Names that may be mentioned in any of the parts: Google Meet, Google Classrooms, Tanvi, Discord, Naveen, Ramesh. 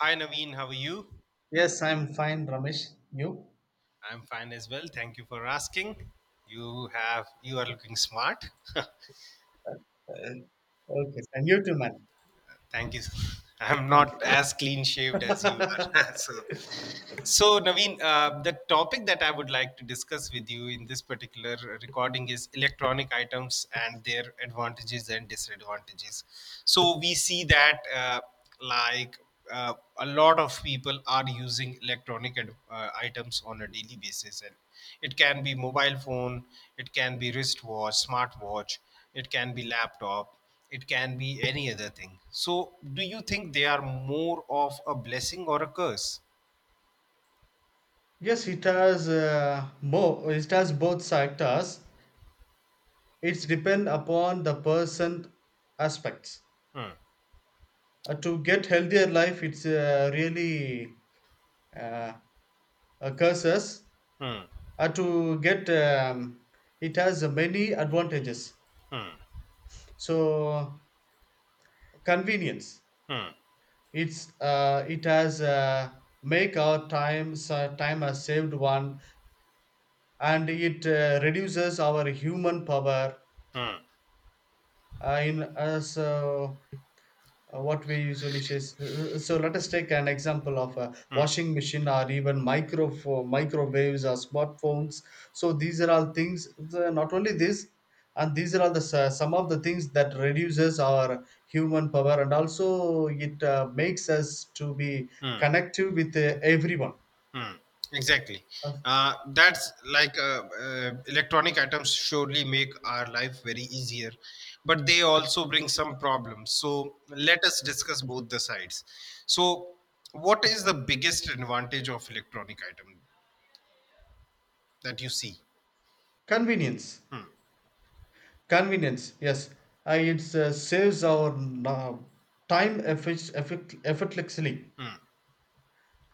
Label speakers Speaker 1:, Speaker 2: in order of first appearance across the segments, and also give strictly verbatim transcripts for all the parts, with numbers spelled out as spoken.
Speaker 1: Hi Naveen, how are you?
Speaker 2: Yes, I'm fine, Ramesh. You?
Speaker 1: I'm fine as well. Thank you for asking. You have you are looking smart.
Speaker 2: Uh, Okay, and you too, man.
Speaker 1: Thank you. I'm
Speaker 2: Thank
Speaker 1: not
Speaker 2: you.
Speaker 1: as clean shaved as you are. so, so Naveen, uh, the topic that I would like to discuss with you in this particular recording is electronic items and their advantages and disadvantages. So we see that uh, like uh, a lot of people are using electronic ad- uh, items on a daily basis, and it can be mobile phone, it can be wristwatch, smartwatch, it can be laptop, it can be any other thing. So, do you think they are more of a blessing or a curse?
Speaker 2: Yes, it has uh, more. It has both sectors. It's depend upon the person aspects.
Speaker 1: Hmm.
Speaker 2: Uh, to get healthier life, it's uh, really uh, a curses.
Speaker 1: Hmm.
Speaker 2: Uh, to get um, it has many advantages.
Speaker 1: Hmm.
Speaker 2: So convenience.
Speaker 1: Hmm.
Speaker 2: It's uh, it has uh, Make our time sa- time has saved one, and it uh, reduces our human power
Speaker 1: Hmm.
Speaker 2: uh, in us. Uh, so uh, what we usually use. So let us take an example of a washing machine or even micro uh, microwaves or smartphones. So these are all things. The, not only this, and these are all the s- some of the things that reduces our human power, and also it uh, makes us to be
Speaker 1: Hmm.
Speaker 2: connective with uh, everyone.
Speaker 1: Hmm, exactly.
Speaker 2: Uh,
Speaker 1: Uh, that's like uh, uh, electronic items surely make our life very easier, but they also bring some problems. So let us discuss both the sides. So, what is the biggest advantage of electronic item that you see?
Speaker 2: Convenience,
Speaker 1: Hmm.
Speaker 2: convenience. Yes, uh, it uh, saves our uh, time effic- effic- effortlessly.
Speaker 1: Hmm.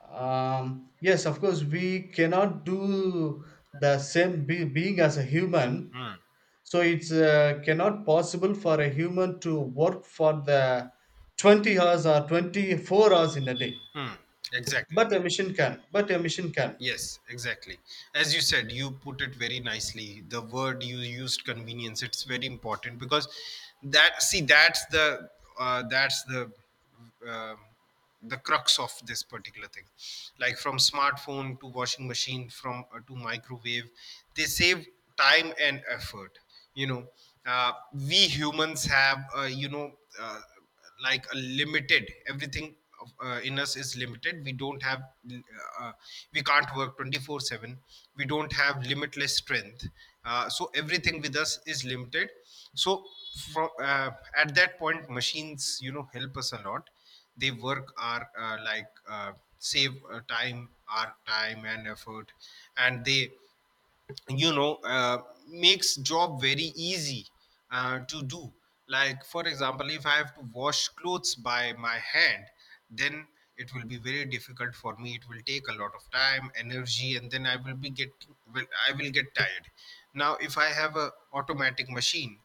Speaker 2: um, Yes, of course, we cannot do the same be- being as a human,
Speaker 1: Hmm.
Speaker 2: so it's uh, cannot possible for a human to work for the twenty hours or twenty-four hours in a day,
Speaker 1: Hmm. Exactly.
Speaker 2: but a machine can, but a machine can
Speaker 1: Yes, exactly. As you said, you put it very nicely. The word you used, convenience, it's very important because that see that's the uh, that's the uh, the crux of this particular thing. Like from smartphone to washing machine, from uh, to microwave, they save time and effort. You know, uh, we humans have uh, you know. Uh, like a limited everything, uh, in us is limited. We don't have uh, uh, we can't work twenty four seven. We don't have limitless strength. uh, so everything with us is limited. So, from uh, at that point machines, you know help us a lot. They work our uh, like uh, save uh, time our time and effort, and they you know uh, makes job very easy uh, to do. Like for example, if I have to wash clothes by my hand, then it will be very difficult for me. It will take a lot of time, energy, and then i will be get will, i will get tired. Now if I have a automatic machine,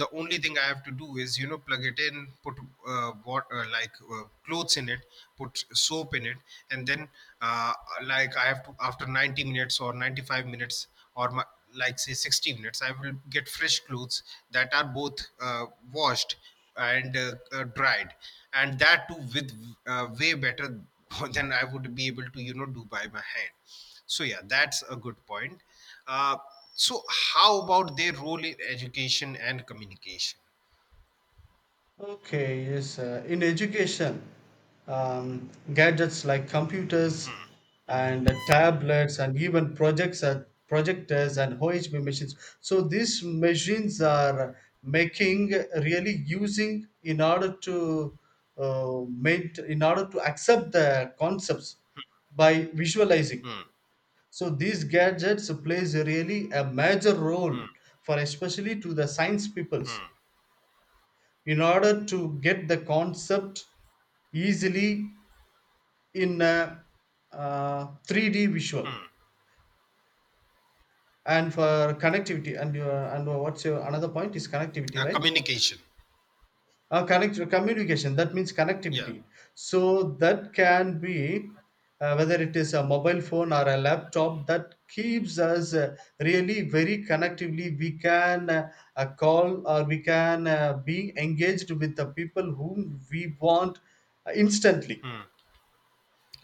Speaker 1: the only thing I have to do is you know plug it in, put uh, what uh, like uh, clothes in it, put soap in it, and then uh, like I have to, after ninety minutes or ninety-five minutes, or my, like say sixty minutes, I will get fresh clothes that are both uh, washed and uh, uh, dried, and that too with uh, way better than I would be able to you know do by my hand. So yeah, that's a good point. Uh, so how about their role in education and communication?
Speaker 2: Okay, yes. Uh, in education, um, gadgets like computers and uh, tablets and even projects and projectors and O H B machines. So these machines are making really using in order to uh, maint in order to accept the concepts by visualizing.
Speaker 1: Hmm.
Speaker 2: So these gadgets plays really a major role
Speaker 1: Hmm.
Speaker 2: for, especially to the science peoples, in order to get the concept easily in a uh, three D visual.
Speaker 1: Hmm.
Speaker 2: And for connectivity, and your, and what's your another point is connectivity,
Speaker 1: Uh,
Speaker 2: right?
Speaker 1: communication.
Speaker 2: Uh, connect Communication. That means
Speaker 1: Yeah,
Speaker 2: connectivity. So that can be, uh, whether it is a mobile phone or a laptop, that keeps us uh, really very connectively. We can uh, uh, call, or we can uh, be engaged with the people whom we want uh, instantly.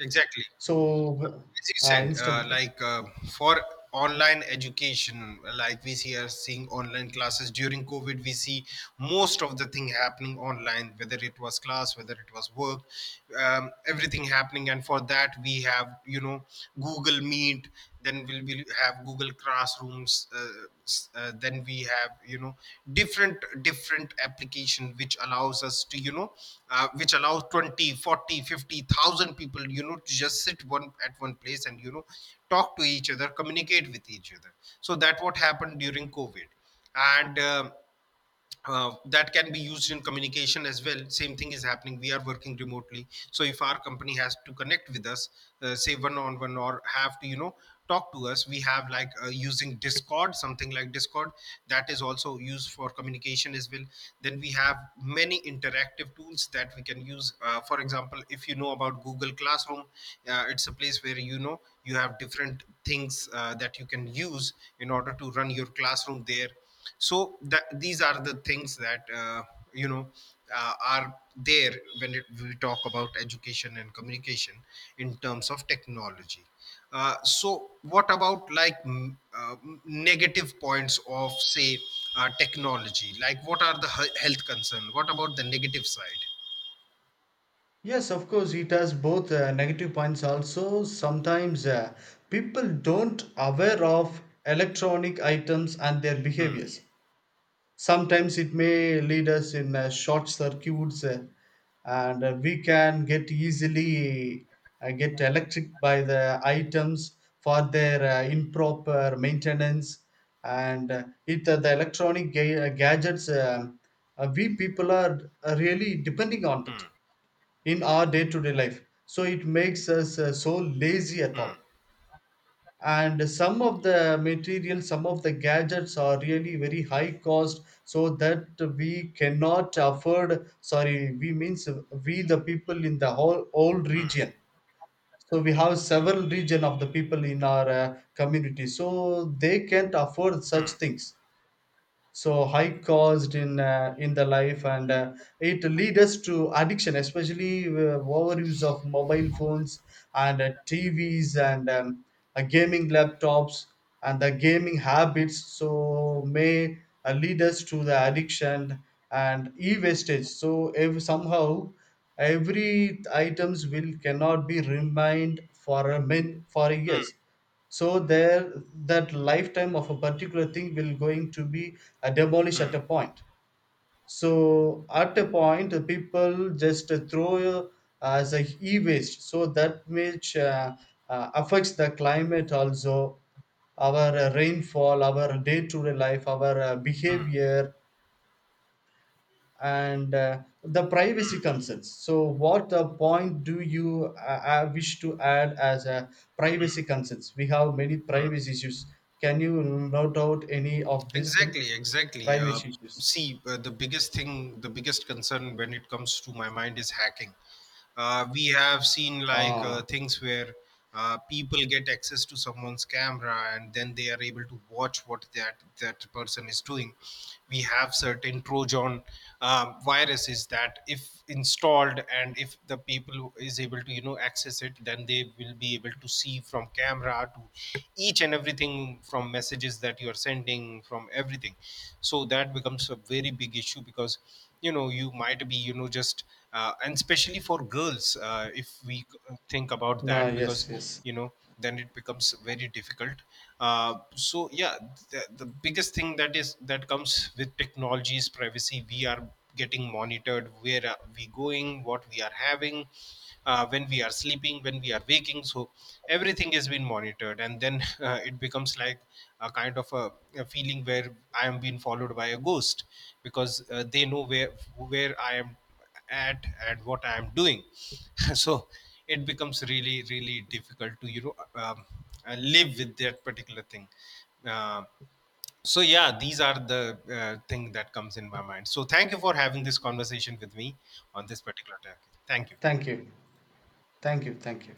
Speaker 1: exactly.
Speaker 2: So,
Speaker 1: As you
Speaker 2: uh,
Speaker 1: said, uh,
Speaker 2: instantly.
Speaker 1: like uh, for online education, like we see are seeing online classes during COVID, we see most of the thing happening online, whether it was class, whether it was work, um, everything happening. And for that, we have you know Google Meet, then we'll, we'll have Google Classrooms. Uh, s- uh, then we have you know different different application which allows us to you know uh, which allows twenty forty fifty thousand people, you know to just sit one at one place, and you know talk to each other, communicate with each other. So that what happened during COVID. And um uh, that can be used in communication as well. Same thing is happening. We are working remotely, so if our company has to connect with us, uh, say one on one, or have to you know talk to us, we have like uh, using Discord, something like Discord. That is also used for communication as well. Then we have many interactive tools that we can use, uh, for example, if you know about Google Classroom, uh, it's a place where you know you have different things uh, that you can use in order to run your classroom there. So that these are the things that uh, you know uh, are there when it, we talk about education and communication in terms of technology. uh, so what about, like, m- uh, negative points of, say, uh, technology? Like, what are the he- health concern? What about the negative side?
Speaker 2: Yes, of course, it has both uh, negative points also. Sometimes uh, people don't aware of electronic items and their
Speaker 1: Hmm.
Speaker 2: behaviors. Sometimes it may lead us in uh, short circuits uh, and uh, we can get easily uh, get electric by the items for their uh, improper maintenance. And uh, it uh, the electronic ga- uh, gadgets, um, uh, we people are uh, really depending on it
Speaker 1: Hmm.
Speaker 2: in our day-to-day life, so it makes us uh, so lazy at
Speaker 1: Hmm.
Speaker 2: all. And some of the materials, some of the gadgets are really very high cost, so that we cannot afford. Sorry, we means we the people in the whole old
Speaker 1: Hmm.
Speaker 2: region. So we have several region of the people in our uh, community, so they can't afford such
Speaker 1: Hmm.
Speaker 2: things. So high cost in uh, in the life. And uh, it lead us to addiction, especially uh, overuse of mobile phones and uh, TVs and um, uh, gaming laptops and the gaming habits, so may uh, lead us to the addiction. And e-wastage, so if somehow every items will cannot be remained for a min for a
Speaker 1: Hmm.
Speaker 2: years.
Speaker 1: Hmm.
Speaker 2: So there, that lifetime of a particular thing will going to be uh, demolish at
Speaker 1: Hmm.
Speaker 2: a point. So at a point, uh, people just uh, throw uh, as a e-waste. So that, which uh, uh, affects the climate also, our uh, rainfall, our day-to-day life, our uh,
Speaker 1: Hmm.
Speaker 2: behavior, and uh, the privacy concerns. So what uh, point do you uh, uh, wish to add as a privacy concerns? We have many
Speaker 1: Hmm.
Speaker 2: privacy issues. Can you note out any of these thing?
Speaker 1: Exactly, exactly. Uh,
Speaker 2: Privacy issues.
Speaker 1: see, uh, the biggest thing, the biggest concern when it comes to my mind is hacking. Uh, we have seen, like uh,
Speaker 2: Ah.
Speaker 1: things where uh, people get access to someone's camera, and then they are able to watch what that that person is doing. We have certain Trojan um, viruses that, if installed, and if the people is able to you know access it, then they will be be able to see from camera to each and everything, from messages that you are sending, from everything. So that becomes a very big issue, because you know you might be, you know just, uh, and especially for girls, uh, if we c- think about
Speaker 2: Ah,
Speaker 1: that, because
Speaker 2: yes, yes.
Speaker 1: you know then it becomes very difficult. Uh, so yeah, the, the biggest thing that is that comes with technology is privacy. We are getting monitored, where are we going, what we are having, uh, when we are sleeping, when we are waking. So everything has been monitored, and then uh, it becomes like a kind of a, a feeling where I am being followed by a ghost, because uh, they know where where I am at and what I am doing. So it becomes really really difficult to you know um, uh, live with that particular thing. Uh, so yeah, these are the uh, thing that comes in my mind. So thank you for having this conversation with me on this particular topic. Thank you.
Speaker 2: Thank you. Thank you. Thank you.